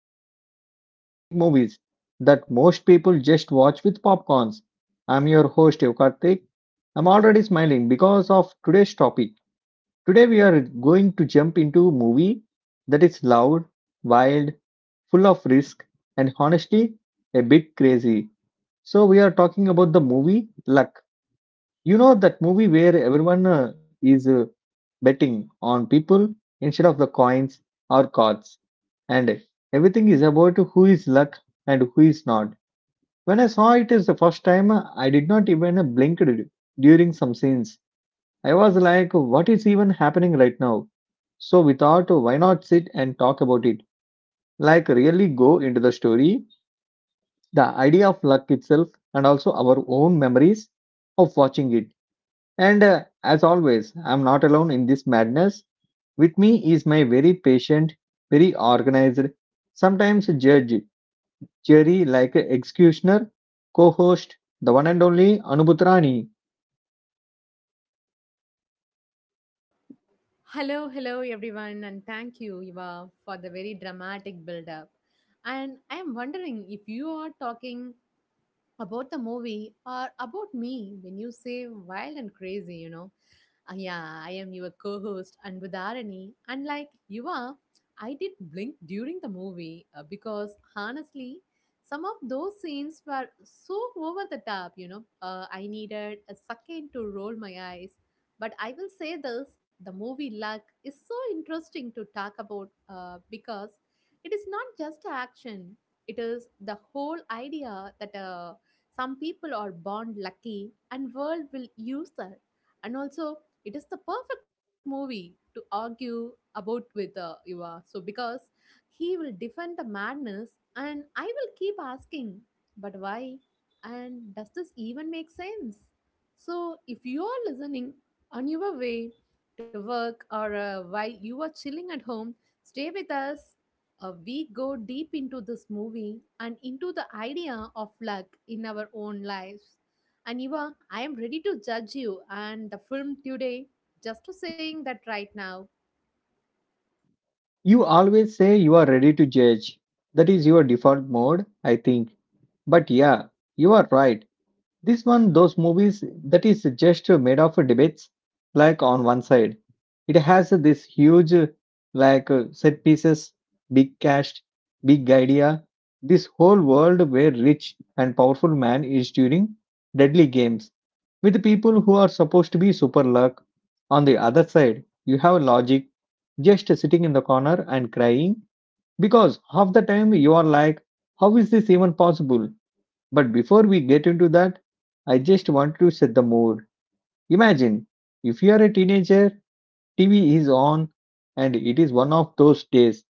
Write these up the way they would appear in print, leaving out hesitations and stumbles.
and sometimes overthink movies that most people just watch with popcorns. I'm your host Yokartik. I'm already smiling because of today's topic. Today we are going to jump into a movie that is loud, wild, full of risk, and honestly a bit crazy. So we are talking about the movie Luck, you know, that movie where everyone is betting on people instead of the coins or cards, and everything is about who is luck and who is not. When I saw it is the first time, I did not even during some scenes. I was like, what is even happening right now? So we thought, why not sit and talk about it? Like, really go into the story, the idea of luck itself, and also our own memories of watching it, and as always, I'm not alone in this madness. With me is my very patient, very organized, sometimes judge, jury like executioner, co host, the one and only Anubhutrani. Uh, Hello, hello everyone, and thank you, Eva, for the very dramatic build up. And I am wondering if you are talking about the movie or about me when you say wild and crazy, Ah, yeah, I am your co host, Anbudarani. And like you are, I did blink during the movie because honestly, some of those scenes were so over the top, I needed a second to roll my eyes. But I will say this, the movie Luck is so interesting to talk about because it is not just action, it is the whole idea that some people are born lucky and world will use that, and also it is the perfect movie to argue about with Yuva. So because he will defend the madness, and I will keep asking, but why? And does this even make sense? So if you are listening on your way to work or while you are chilling at home, stay with us. We go deep into this movie and into the idea of luck in our own lives. And Eva, I am ready to judge you and the film today. Just to saying that right now. You always say you are ready to judge. That is your default mode, I think. But yeah, you are right. This one, those movies that is just made of debates, like on one side. It has this huge, like, set pieces, big cast, big idea, this whole world where rich and powerful man is during deadly games with people who are supposed to be super luck. On the other side, you have logic just sitting in the corner and crying because half the time you are like, how is this even possible? But before we get into that, I just want to set the mood. Imagine if you are a teenager, TV is on, and it is one of those days,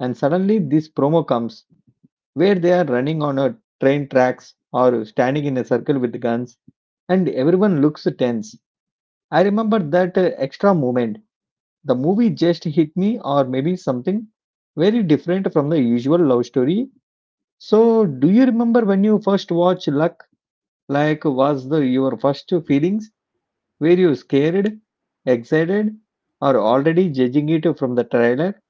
and suddenly this promo comes where they are running on a train tracks or standing in a circle with guns, and everyone looks tense. I remember that extra moment. The movie just hit me, or maybe something very different from the usual love story. So, do you remember when you first watched Lux? Like, was the your first feelings? Were you scared, excited, or already judging it from the trailer?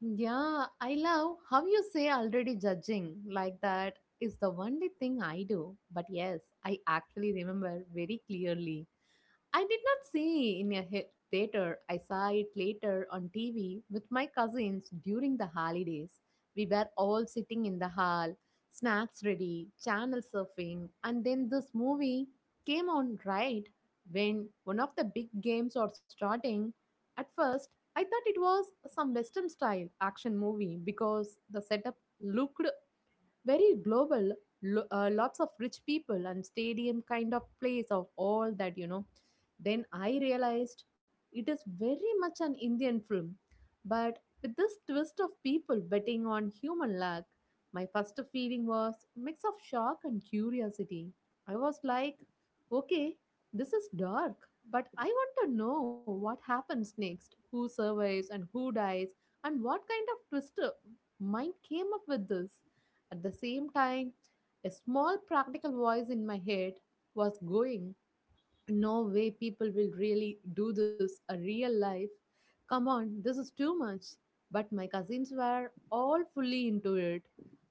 Yeah, I love how you say already judging, like that is the only thing I do. But yes, I actually remember very clearly, I did not see in a hit theater. I saw it later on TV with my cousins during the holidays. We were all sitting in the hall, snacks ready, channel surfing, and then this movie came on right when one of the big games are starting. At first, I thought it was some western style action movie because the setup looked very global, lots of rich people and stadium kind of place of all that, then I realized it is very much an Indian film, but with this twist of people betting on human luck. My first feeling was mix of shock and curiosity. I was like, okay, this is dark, but I want to know what happens next, who survives and who dies, and what kind of twist mind came up with this. At the same time, a small practical voice in my head was going, no way people will really do this a real life. Come on, this is too much. But my cousins were all fully into it.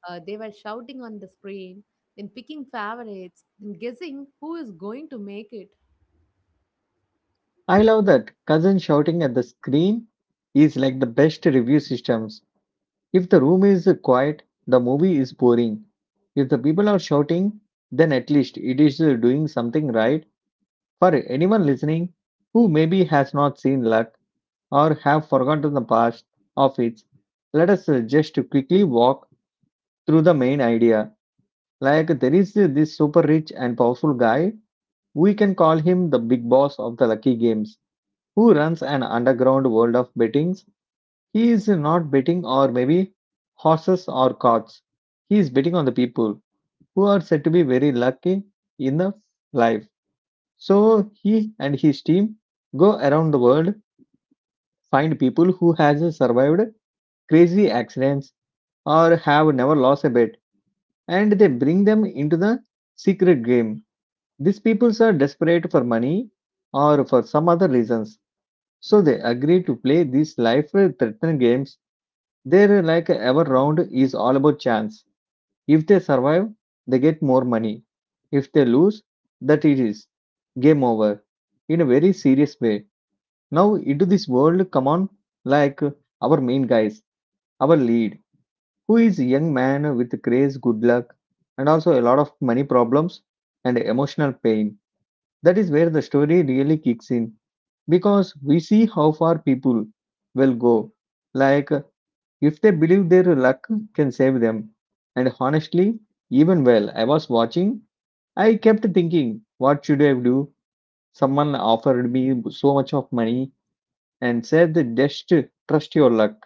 They were shouting on the screen, then picking favorites, then guessing who is going to make it. I love that. Cousin shouting at the screen is like the best review systems. If the room is quiet, the movie is boring. If the people are shouting, then at least it is doing something right. For anyone listening who maybe has not seen luck or have forgotten the past of it, let us just quickly walk through the main idea. Like there is this super rich and powerful guy, we can call him the big boss of the lucky games, who runs an underground world of bettings. He is not betting or maybe horses or cards. He is betting on the people who are said to be very lucky in the life. So he and his team go around the world, find people who has survived crazy accidents or have never lost a bet, and they bring them into the secret game. These peoples are desperate for money or for some other reasons, so they agree to play these life-threatening games. Their like ever round is all about chance. If they survive, they get more money. If they lose, that it is game over. In a very serious way. Now into this world, come on, like our main guys, our lead, who is a young man with craze, good luck, and also a lot of money problems and emotional pain, that is where the story really kicks in because we see how far people will go. Like, if they believe their luck can save them. And honestly, even while I was watching, I kept thinking, what should I do? Someone offered me so much of money and said, just trust your luck.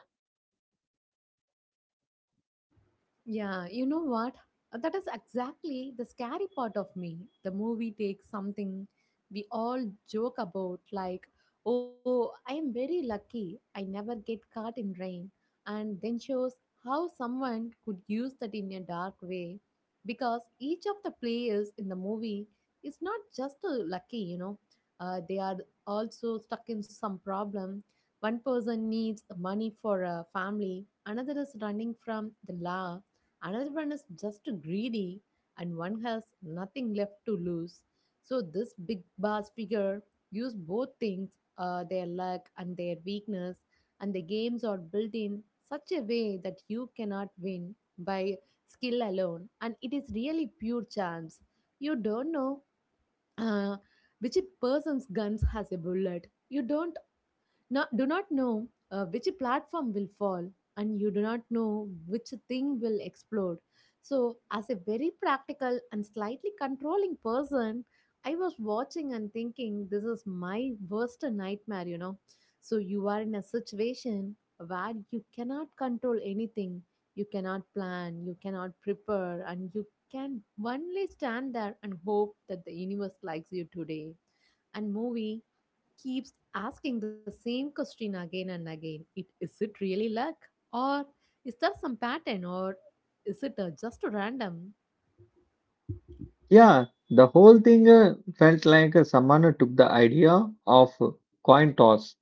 Yeah, you know what? That is exactly the scary part of me. The movie takes something we all joke about, like, oh, I am very lucky, I never get caught in rain, and then shows how someone could use that in a dark way. Because each of the players in the movie is not just lucky, they are also stuck in some problem. One person needs money for a family, another is running from the law, another one is just greedy, and one has nothing left to lose. So this big boss figure use both things, their luck and their weakness, and the games are built in such a way that you cannot win by skill alone, and it is really pure chance. You don't know uh, which person's guns has a bullet, you don't not, do not know which platform will fall, and you do not know which thing will explode. So as a very practical and slightly controlling person, I was watching and thinking, this is my worst nightmare, so you are in a situation where you cannot control anything, you cannot plan, you cannot prepare, and you can only stand there and hope that the universe likes you today. And movie keeps asking the same question again and again. It is, it really luck, or is there some pattern, or is it just random? Yeah, the whole thing felt like someone took the idea of coin toss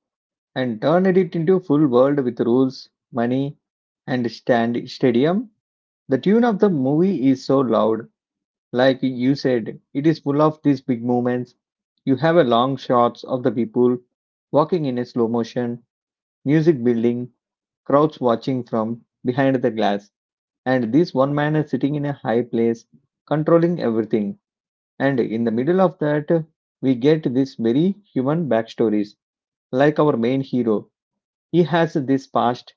and turned it into full world with rules, money, and stand stadium. The tune of the movie is so loud, like you said, it is full of these big movements. You have a long shots of the people walking in a slow motion, music building, crowds watching from behind the glass, and this one man is sitting in a high place, controlling everything. And in the middle of that, we get this very human backstories, like our main hero. He has this past.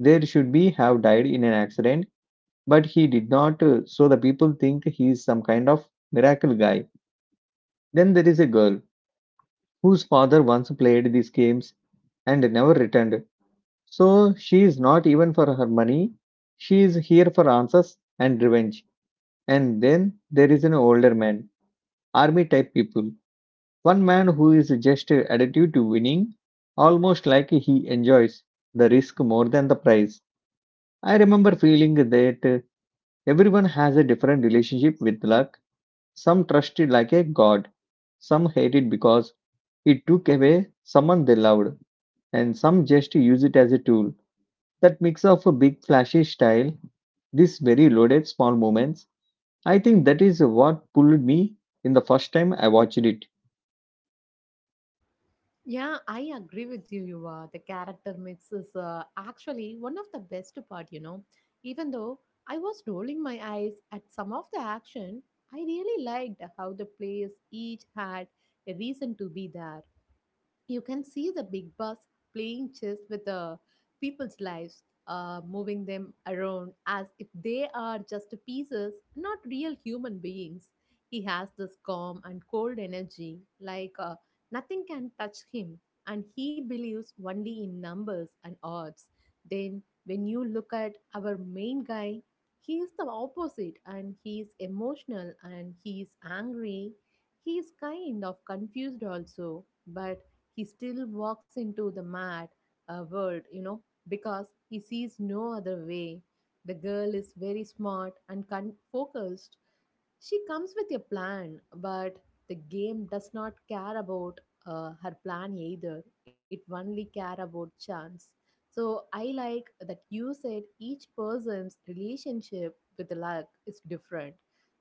There should be have died in an accident, but he did not, so the people think he is some kind of miracle guy. Then there is a girl whose father once played these games and never returned. So she is not even for her money. She is here for answers and revenge. And then there is an older man, army type people. One man who is just addicted to winning, almost like he enjoys the risk more than the prize. I remember feeling that everyone has a different relationship with luck. Some trust it like a god, some hate it because it took away someone they loved, and some just use it as a tool. That mix of a big flashy style, this very loaded small moments, I think that is what pulled me in the first time I watched it. Yeah, I agree with you, Yuva. The character mix is actually one of the best part. Even though I was rolling my eyes at some of the action, I really liked how the players each had a reason to be there. You can see the big boss playing chess with the people's lives, moving them around as if they are just pieces, not real human beings. He has this calm and cold energy, like nothing can touch him, and he believes only in numbers and odds. Then, when you look at our main guy, he is the opposite, and he is emotional and he is angry. He is kind of confused also, but he still walks into the mad world, because he sees no other way. The girl is very smart and focused. She comes with a plan, but the game does not care about her plan either. It only care about chance. So I like that you said each person's relationship with luck is different,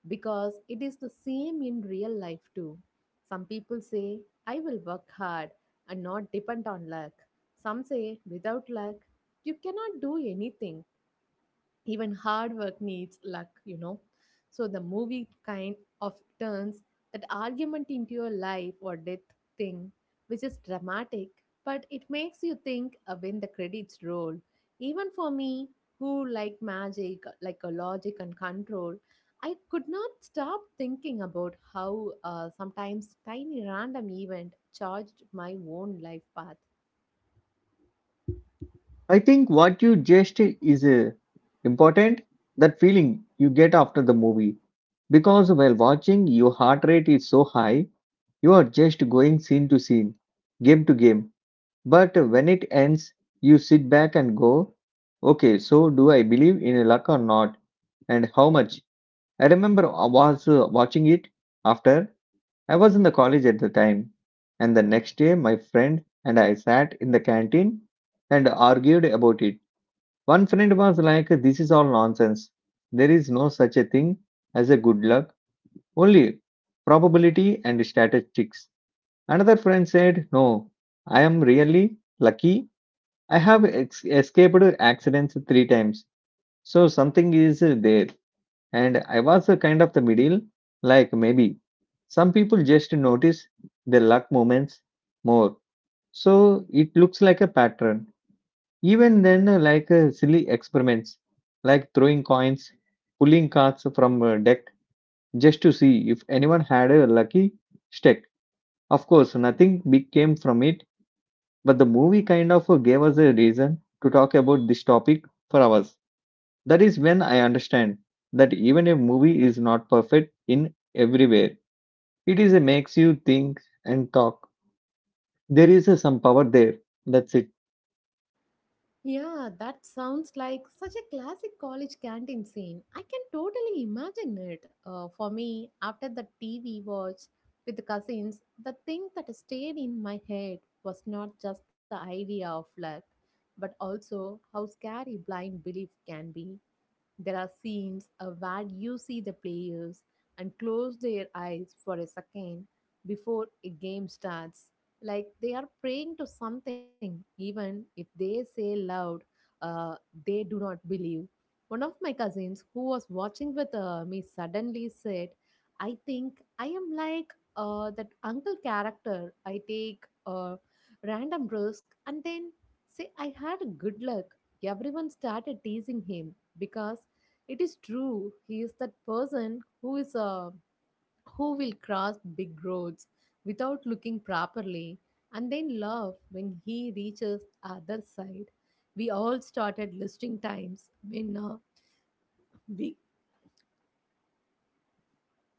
because it is the same in real life too. Some people say, I will work hard, and not depend on luck. Some say without luck, you cannot do anything, even hard work needs luck, so the movie kind of turns that argument into a life or death thing, which is dramatic, but it makes you think when the credits roll. Even for me, who like magic like a logic and control, I could not stop thinking about how sometimes tiny random event charged my own life path. I think what you just is important, that feeling you get after the movie because while watching your heart rate is so high. You are just going scene to scene, game to game. But when it ends, you sit back and go, okay, so do I believe in luck or not? And how much? I remember I was watching it after I was in the college at the time. And the next day, my friend and I sat in the canteen and argued about it. One friend was like, this is all nonsense. There is no such a thing as a good luck, only probability and statistics. Another friend said, no, I am really lucky. I have escaped accidents 3 times. So something is there. And I was a kind of the middle, like maybe. Some people just notice their luck moments more. So it looks like a pattern. Even then, like silly experiments, like throwing coins, pulling cards from a deck just to see if anyone had a lucky stick. Of course, nothing big came from it. But the movie kind of gave us a reason to talk about this topic for hours. That is when I understand that even a movie is not perfect in every way, it is a makes you think and talk. There is a some power there. That's it. Yeah, that sounds like such a classic college canteen scene. I can totally imagine it. For me, after the TV watch with the cousins, the thing that stayed in my head was not just the idea of luck, but also how scary blind belief can be. There are scenes where you see the players and close their eyes for a second before a game starts, like they are praying to something, even if they say loud, uh, they do not believe. One of my cousins who was watching with me suddenly said, I think I am like that uncle character. I take a random risk and then say I had good luck. Everyone started teasing him because it is true. He is that person who is a who will cross big roads without looking properly and then laugh when he reaches the other side. We all started listing times when we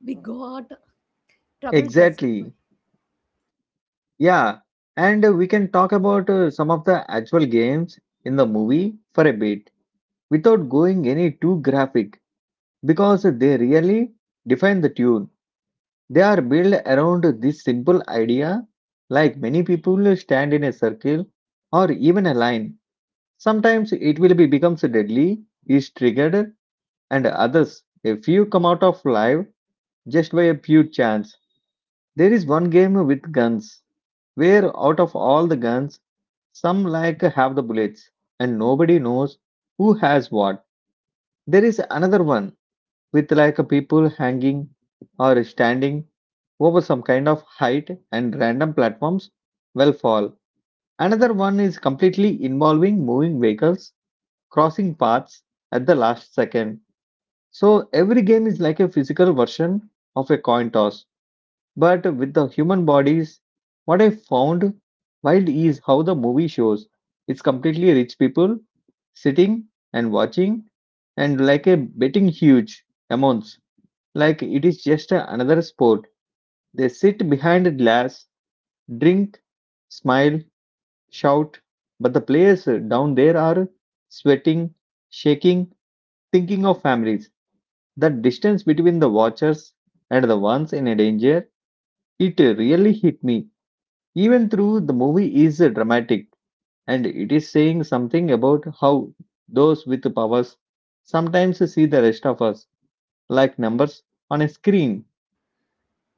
we got trouble justified. Exactly. Yeah. And we can talk about some of the actual games in the movie for a bit without going any too graphic because they really define the tune. They are built around this simple idea, like many people stand in a circle or even a line. Sometimes it will be becomes deadly, is triggered, and others a few come out of life just by a pure chance. There is one game with guns where out of all the guns, some like have the bullets, and nobody knows who has what. There is another one with like a people hanging or standing over some kind of height and random platforms will fall. Another one is completely involving moving vehicles crossing paths at the last second. So every game is like a physical version of a coin toss, but with the human bodies. What I found wild is how the movie shows it's completely rich people sitting and watching and like a betting huge amounts like it is just another sport. They sit behind a glass, drink, smile, shout, but the players down there are sweating, shaking, thinking of families. The distance between the watchers and the ones in danger, it really hit me. Even though the movie is dramatic and it is saying something about how those with powers sometimes see the rest of us like numbers on a screen.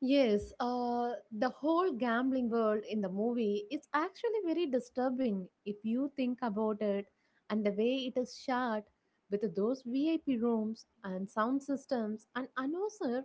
Yes, the whole gambling world in the movie is actually very disturbing if you think about it, and the way it is shot with those VIP rooms and sound systems and announcer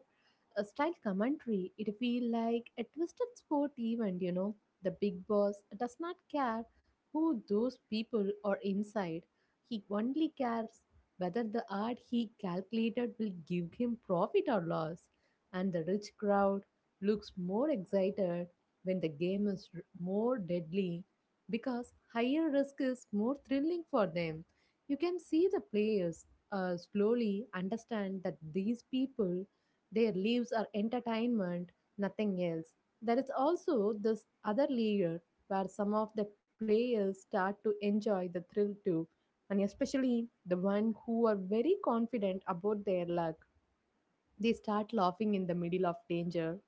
a style commentary, it feel like a twisted sport event, The big boss does not care who those people are inside. He only cares whether the art he calculated will give him profit or loss. And the rich crowd looks more excited when the game is more deadly, because higher risk is more thrilling for them. You can see the players slowly understand that these people, their lives are entertainment, nothing else. There is also this other layer where some of the players start to enjoy the thrill too, and especially the one who are very confident about their luck. They start laughing in the middle of danger,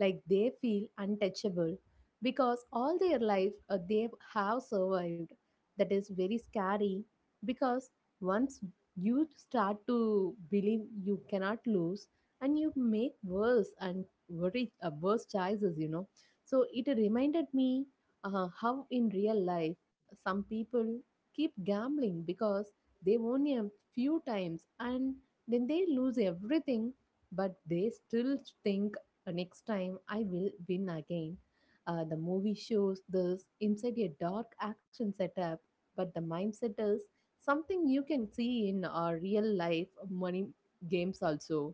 like they feel untouchable because all their life they have survived. That is very scary because once you start to believe you cannot lose, and you make worse and very worse choices, So it reminded me how in real life some people keep gambling because they won a few times and then they lose everything, but they still think, next time I will win again. The movie shows this inside a dark action setup, but the mindset is something you can see in our real life money games also.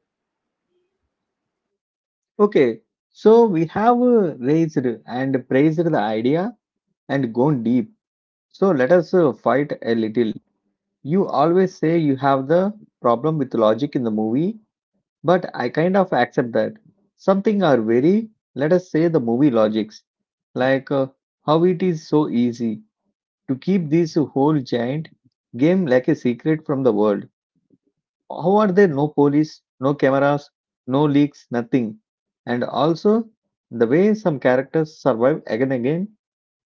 Okay, so we have raised and praised the idea and gone deep. So let us fight a little. You always say you have the problem with logic in the movie, but I kind of accept that. Something are very, let us say, the movie logics, like how it is so easy to keep this whole giant game like a secret from the world. How are there no police, no cameras, no leaks, nothing? And also, the way some characters survive again and again,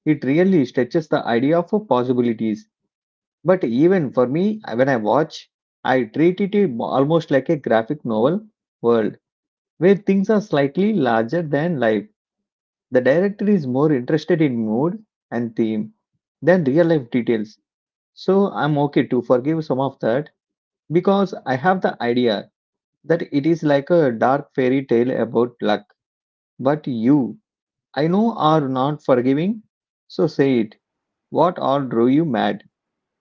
it really stretches the idea of possibilities. But even for me, when I watch, I treat it almost like a graphic novel world where things are slightly larger than life. The director is more interested in mood and theme than real life details. So I'm okay to forgive some of that because I have the idea that it is like a dark fairy tale about luck. But you, I know, are not forgiving. So say it. What all drove you mad?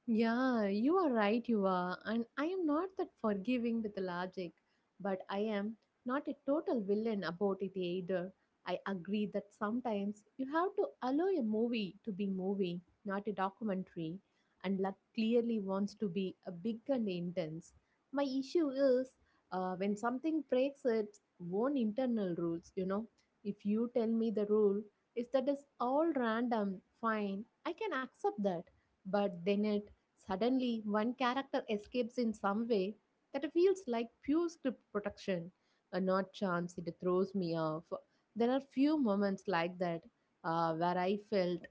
Yeah, you are right, you are. And I am not that forgiving with logic, but I am not a total villain about it either. I agree that sometimes you have to allow a movie to be movie, not a documentary, and luck clearly wants to be a big and intense. My issue is when something breaks its own internal rules, if you tell me the rule is that is all random, fine, I can accept that, but then it suddenly, one character escapes in some way that feels like pure script protection, a not chance, it throws me off. There are few moments like that where I felt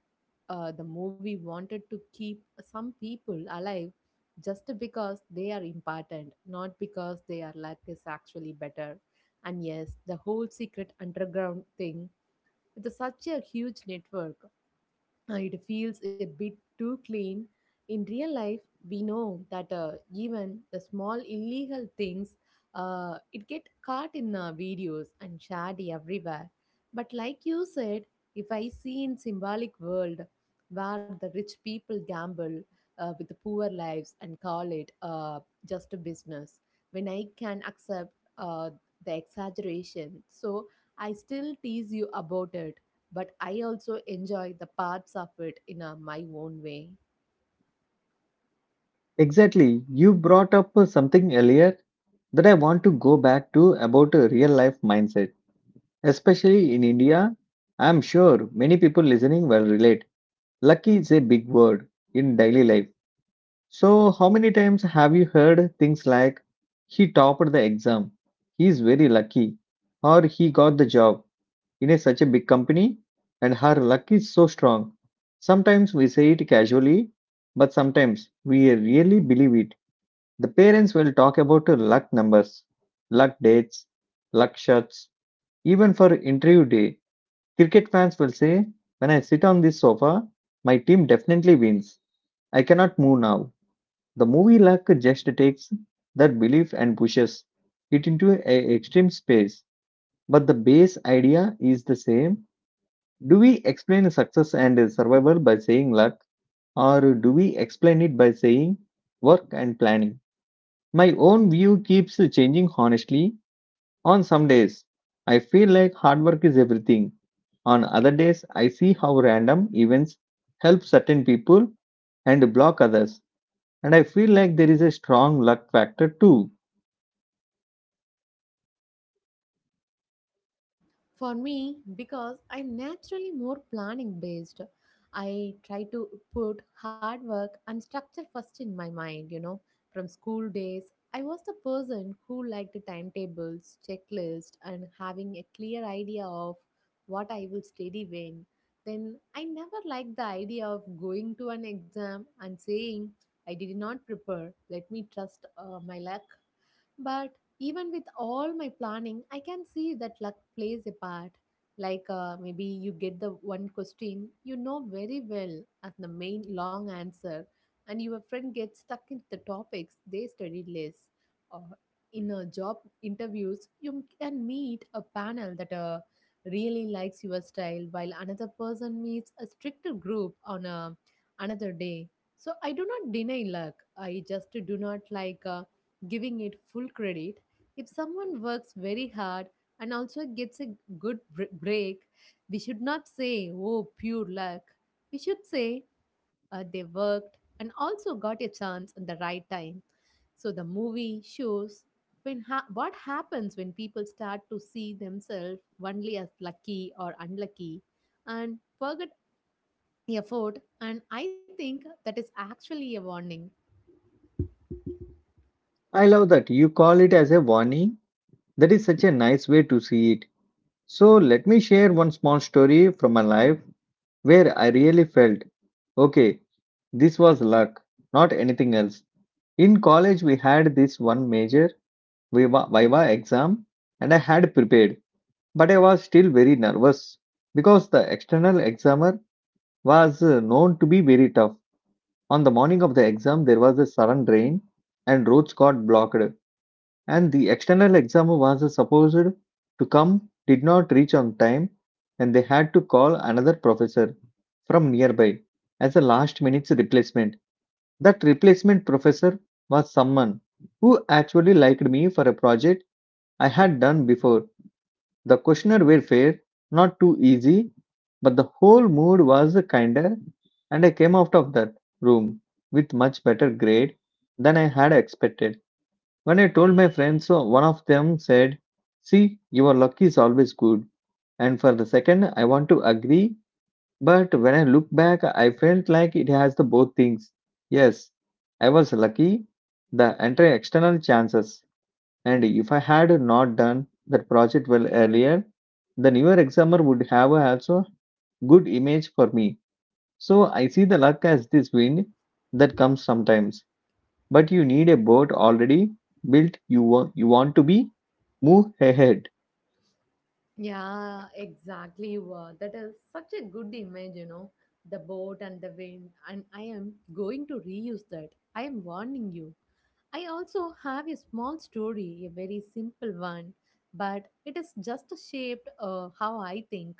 the movie wanted to keep some people alive just because they are important, not because their luck is actually better. And yes, the whole secret underground thing with such a huge network it feels a bit too clean. In real life, we know that even the small illegal things, it get caught in videos and shared everywhere. But like you said, if I see in symbolic world where the rich people gamble with the poor lives and call it just a business, when I can accept uh, the exaggeration, so I still tease you about it but I also enjoy the parts of it in a, my own way. Exactly. You brought up something earlier that I want to go back to about a real life mindset, especially in India. I'm sure many people listening will relate. Lucky is a big word in daily life. So, how many times have you heard things like, he topped the exam, he's very lucky, or he got the job? In a such a big company and her luck is so strong. Sometimes we say it casually, but sometimes we really believe it. The parents will talk about luck numbers, luck dates, luck shots, even for interview day. Cricket fans will say, when I sit on this sofa, my team definitely wins. I cannot move now. The movie luck just takes that belief and pushes it into an extreme space. But the base idea is the same: do we explain success and survival by saying luck, or do we explain it by saying work and planning? My own view keeps changing honestly. On some days, I feel like hard work is everything. On other days, I see how random events help certain people and block others. And I feel like there is a strong luck factor too. For me, because I'm naturally more planning based, I try to put hard work and structure first in my mind, you know. From school days, I was the person who liked timetables, checklists, and having a clear idea of what I will study when. Then I never liked the idea of going to an exam and saying, I did not prepare. Let me trust my luck. But even with all my planning, I can see that luck plays a part. Like maybe you get the one question you know very well as the main long answer, and your friend gets stuck into the topics they studied less. Or in a job interviews, you can meet a panel that really likes your style, while another person meets a stricter group on a another day. So I do not deny luck. I just do not like. Giving it full credit. If someone works very hard and also gets a break, we should not say, oh, pure luck. We should say, they worked and also got a chance at the right time. So the movie shows what happens when people start to see themselves only as lucky or unlucky and forget effort, and I think that is actually a warning. I love that you call it as a warning. That is such a nice way to see it. So, let me share one small story from my life where I really felt, okay, this was luck, not anything else. In college, we had this one major Viva exam, and I had prepared, but I was still very nervous because the external examiner was known to be very tough. On the morning of the exam, there was a sudden rain and roads got blocked, and the external exam was supposed to come, did not reach on time, and they had to call another professor from nearby as a last minute replacement. That replacement professor was someone who actually liked me for a project I had done before. The questioner were fair, not too easy, but the whole mood was kinder, and I came out of that room with much better grade than I had expected. When I told my friends, so one of them said, see, your luck is always good. And for the second, I want to agree, but when I look back, I felt like it has the both things. Yes, I was lucky, the entire external chances. And if I had not done that project well earlier, the newer examiner would have also good image for me. So I see the luck as this wind that comes sometimes, but you need a boat already built you want to be move ahead. Yeah, exactly. Wow, that is such a good image, you know, the boat and the wind. And I am going to reuse that. I am warning you. I also have a small story, a very simple one, but it is just shaped how I think.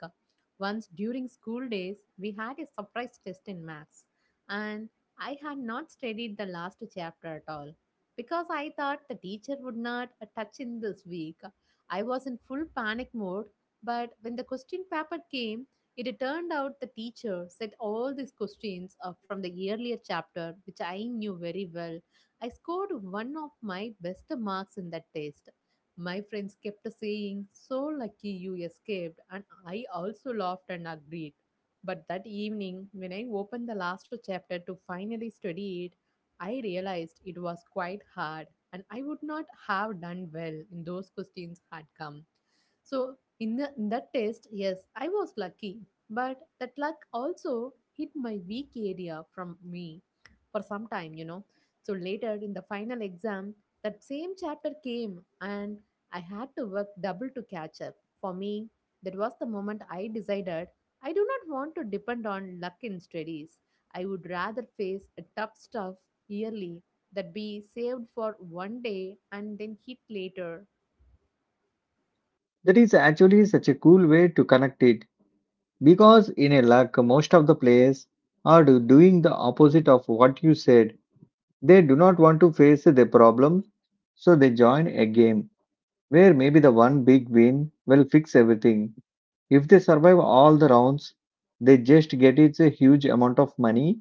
Once during school days, we had a surprise test in maths, and I had not studied the last chapter at all because I thought the teacher would not touch in this week. I was in full panic mode, but when the question paper came, it turned out the teacher said all these questions from the earlier chapter, which I knew very well. I scored one of my best marks in that test. My friends kept saying, so lucky you escaped, and I also laughed and agreed. But that evening, when I opened the last chapter to finally study it, I realized it was quite hard, and I would not have done well in those questions had come. So in that test, yes, I was lucky, but that luck also hit my weak area from me for some time, you know. So later in the final exam, that same chapter came and I had to work double to catch up. For me, that was the moment I decided I do not want to depend on luck in studies. I would rather face a tough stuff yearly that be saved for one day and then hit later. That is actually such a cool way to connect it, because in a luck most of the players are doing the opposite of what you said. They do not want to face their problems, so they join a game where maybe the one big win will fix everything. If they survive all the rounds, they just get it's a huge amount of money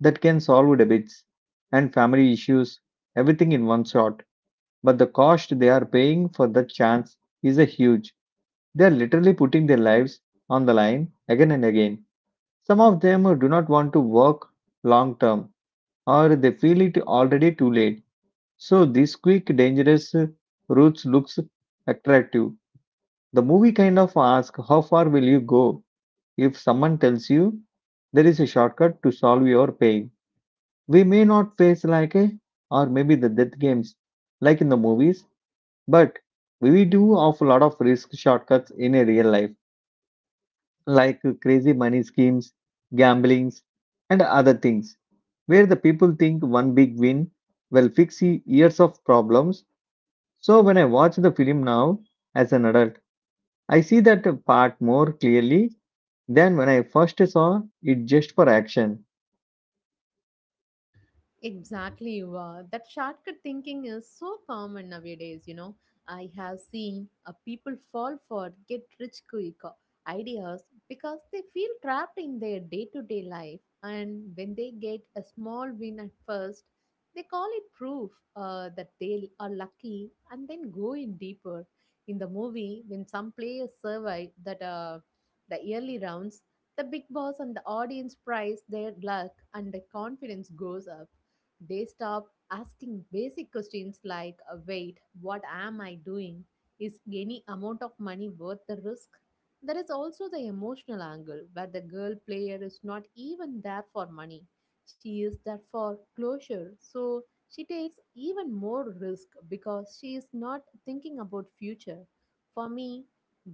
that can solve debits and family issues, everything in one shot. But the cost they are paying for that chance is a huge. They are literally putting their lives on the line again and again. Some of them do not want to work long term, or they feel it already too late. So this quick dangerous route looks attractive. The movie kind of asks, how far will you go if someone tells you there is a shortcut to solve your pain? We may not face like a, or maybe the death games like in the movies. But we do of a lot of risk shortcuts in a real life, like crazy money schemes, gamblings, and other things, where the people think one big win will fix years of problems. So when I watch the film now as an adult, I see that part more clearly than when I first saw it just for action. Exactly. Wow. That shortcut thinking is so common nowadays, you know. I have seen people fall for get rich quick ideas because they feel trapped in their day to day life. And when they get a small win at first, they call it proof that they are lucky and then go in deeper. In the movie, when some players survive that the early rounds, the big boss and the audience prize their luck and their confidence goes up, they stop asking basic questions like weight, what am I doing? Is any amount of money worth the risk? There is also the emotional angle where the girl player is not even there for money. She is there for closure. So she takes even more risk because she is not thinking about future. For me,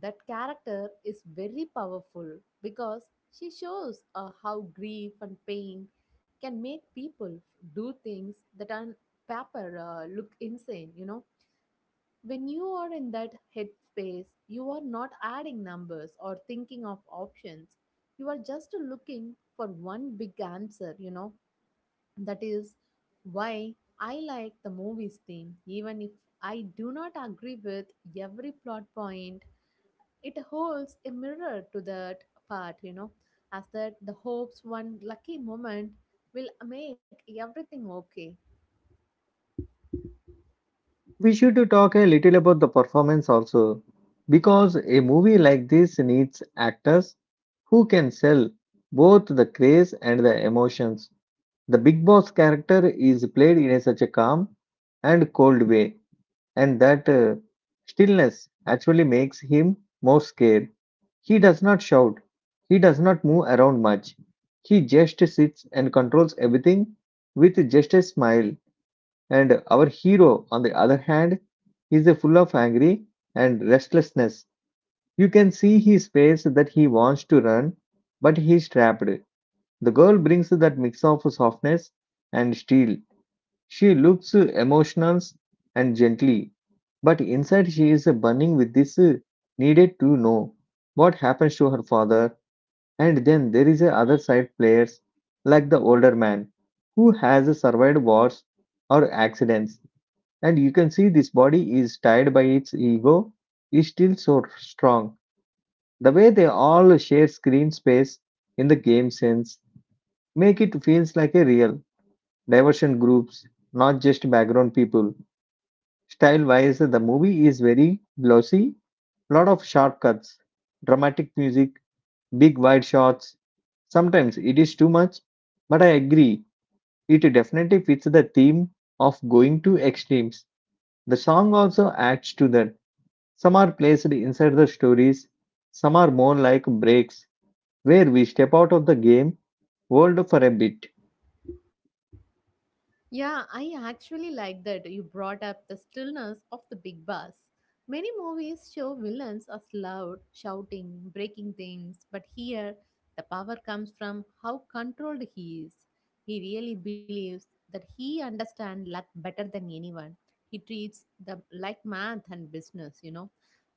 that character is very powerful because she shows how grief and pain can make people do things that on paper look insane, you know. When you are in that headspace, you are not adding numbers or thinking of options, you are just looking for one big answer, you know. That is why I like the movie's theme, even if I do not agree with every plot point. It holds a mirror to that part, you know, as that the hopes one lucky moment will make everything okay. We should talk a little about the performance also, because a movie like this needs actors who can sell both the craze and the emotions. The Big Boss character is played in a such a calm and cold way, and that stillness actually makes him more scared. He does not shout, he does not move around much, he just sits and controls everything with just a smile. And our hero, on the other hand, is a full of angry and restlessness. You can see his face that he wants to run, but he is trapped. The girl brings that mix of softness and steel. She looks emotional and gently, but inside she is burning with this needed to know what happens to her father. And then there is a other side players like the older man who has survived wars or accidents, and you can see this body is tied by its ego, is still so strong. The way they all share screen space in the game sense make it feels like a real diversion groups, not just background people. Style wise, the movie is very glossy, lot of shortcuts, dramatic music, big wide shots. Sometimes it is too much, but I agree. It definitely fits the theme of going to extremes. The song also adds to that. Some are placed inside the stories, some are more like breaks where we step out of the game world for a bit. Yeah, I actually like that you brought up the stillness of the big bus. Many movies show villains as loud, shouting, breaking things, but here the power comes from how controlled he is. He really believes that he understands luck better than anyone. He treats them like math and business, you know.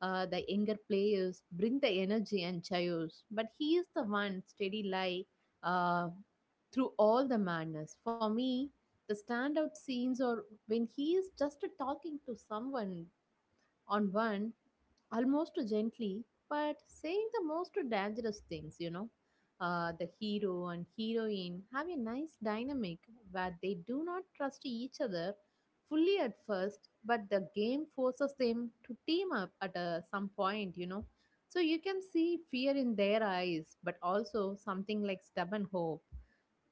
The younger players bring the energy and chaos, but he is the one steady lie uh, through all the madness. For me, the standout scenes are when he is just talking to someone on one, almost gently, but saying the most dangerous things, you know. The hero and heroine have a nice dynamic where they do not trust each other fully at first, but the game forces them to team up at some point, you know. So you can see fear in their eyes, but also something like stubborn hope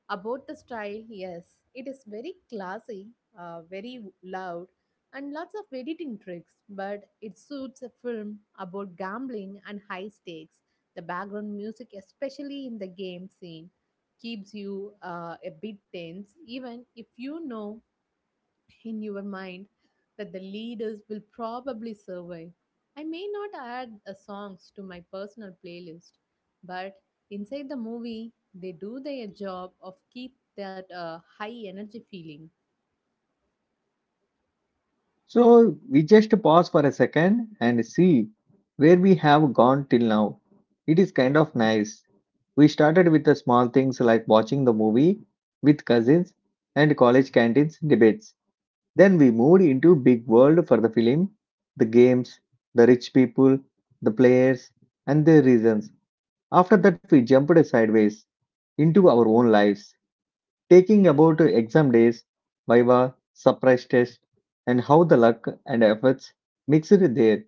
about the style. Yes, it is very classy, very loud, and lots of editing tricks, but it suits a film about gambling and high stakes. The background music, especially in the game scene, keeps you a bit tense, even if you know in your mind that the leaders will probably survive. I may not add songs to my personal playlist, but inside the movie, they do their job of keep that high energy feeling. So we just pause for a second and see where we have gone till now. It is kind of nice. We started with the small things like watching the movie with cousins and college canteens debates. Then we moved into big world for the film, the games, the rich people, the players, and their reasons. After that, we jumped sideways into our own lives, taking about exam days, viva, surprise test, and how the luck and efforts mixed there.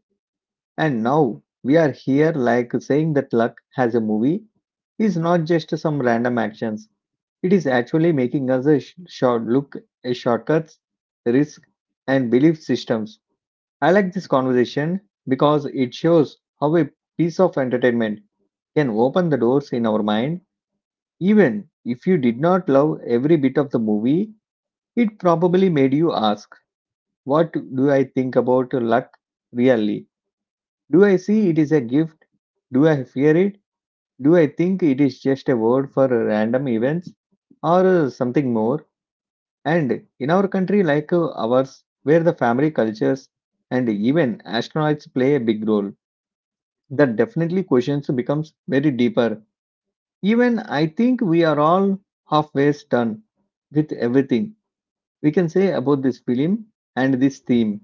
And now we are here, like saying that luck has a movie is not just some random actions. It is actually making us a short look at shortcuts, risk, and belief systems. I like this conversation because it shows how a piece of entertainment can open the doors in our mind. Even if you did not love every bit of the movie, it probably made you ask, what do I think about luck really? Do I see it is a gift? Do I fear it? Do I think it is just a word for random events or something more? And in our country like ours, where the family cultures and even astronauts play a big role, that definitely questions becomes very deeper. Even I think we are all halfway done with everything we can say about this film and this theme.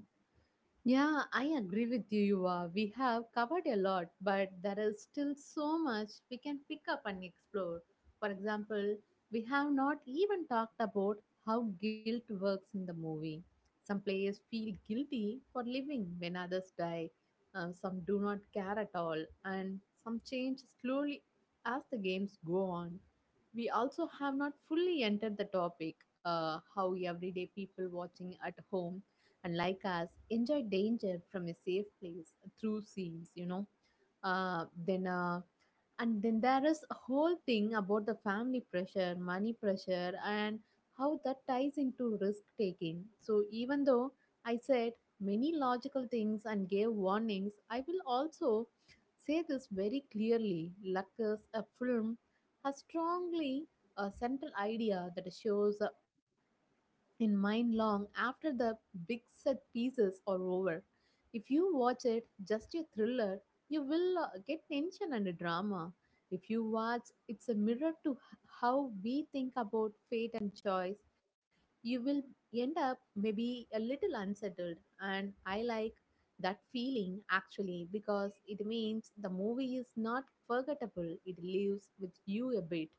Yeah, I agree with you, Yuva. We have covered a lot, but there is still so much we can pick up and explore. For example, we have not even talked about how guilt works in the movie. Some players feel guilty for living when others die, some do not care at all, and some change slowly as the games go on. We also have not fully entered the topic how everyday people watching at home and like us enjoy danger from a safe place through scenes, you know. Then And then there is a whole thing about the family pressure money pressure and how that ties into risk taking. So even though I said many logical things and gave warnings, I will also say this very clearly, luck is a film has strongly a central idea that shows in mind long after the big set pieces are over. If you watch it just a thriller, you will get tension and a drama. If you watch, it's a mirror to how we think about fate and choice. You will end up maybe a little unsettled, and I like that feeling actually, because it means the movie is not forgettable. It lives with you a bit.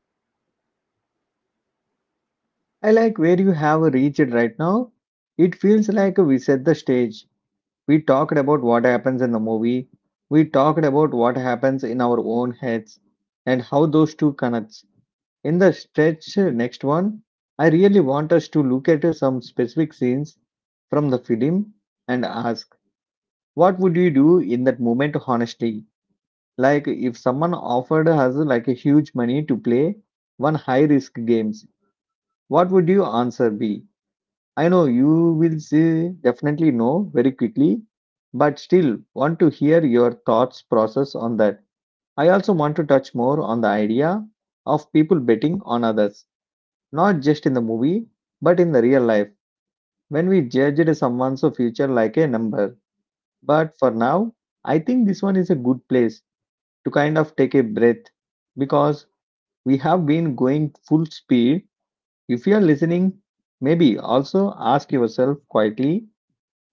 I like where you have reached right now. It feels like we set the stage. We talked about what happens in the movie. We talked about what happens in our own heads and how those two connects. In the stretch next one, I really want us to look at some specific scenes from the film and ask, what would you do in that moment honestly? Like if someone offered us like a huge money to play one high risk games, what would your answer be? I know you will say definitely no very quickly, but still want to hear your thoughts process on that. I also want to touch more on the idea of people betting on others, not just in the movie, but in the real life when we judged someone's future like a number. But for now, I think this one is a good place to kind of take a breath, because we have been going full speed. If you are listening, maybe also ask yourself quietly,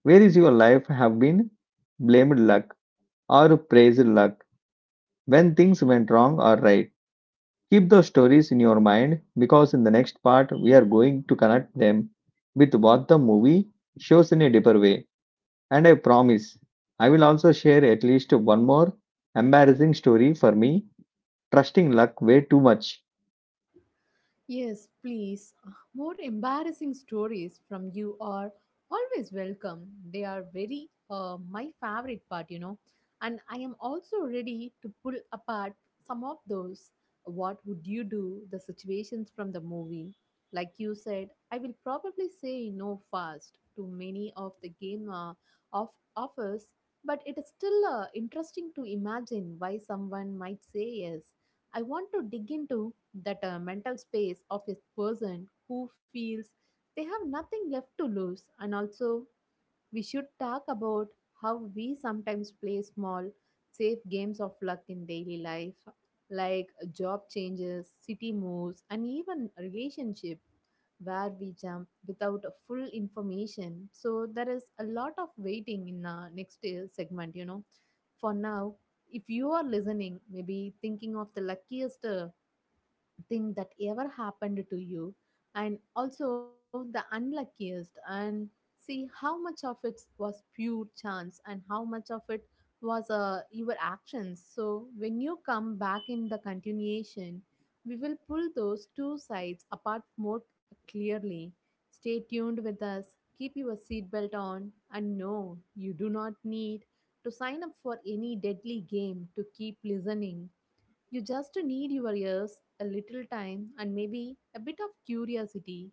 where is your life have been blamed luck or praised luck when things went wrong or right. Keep those stories in your mind, because in the next part we are going to connect them with what the movie shows in a deeper way. And I promise I will also share at least one more embarrassing story for me trusting luck way too much. Yes, please. More embarrassing stories from you are always welcome. They are very my favorite part, you know. And I am also ready to pull apart some of those. What would you do? The situations from the movie. Like you said, I will probably say no fast to many of the game of offers, but it is still interesting to imagine why someone might say yes. I want to dig into that mental space of a person who feels they have nothing left to lose. And also we should talk about how we sometimes play small, safe games of luck in daily life, like job changes, city moves, and even relationship, where we jump without a full information. So there is a lot of waiting in the next segment, you know. For now, if you are listening, maybe thinking of the luckiest thing that ever happened to you and also the unluckiest, and see how much of it was pure chance and how much of it was your actions. So when you come back in the continuation, we will pull those two sides apart more clearly. Stay tuned with us, keep your seatbelt on, and no, you do not need to sign up for any deadly game to keep listening. You just need your ears, a little time, and maybe a bit of curiosity.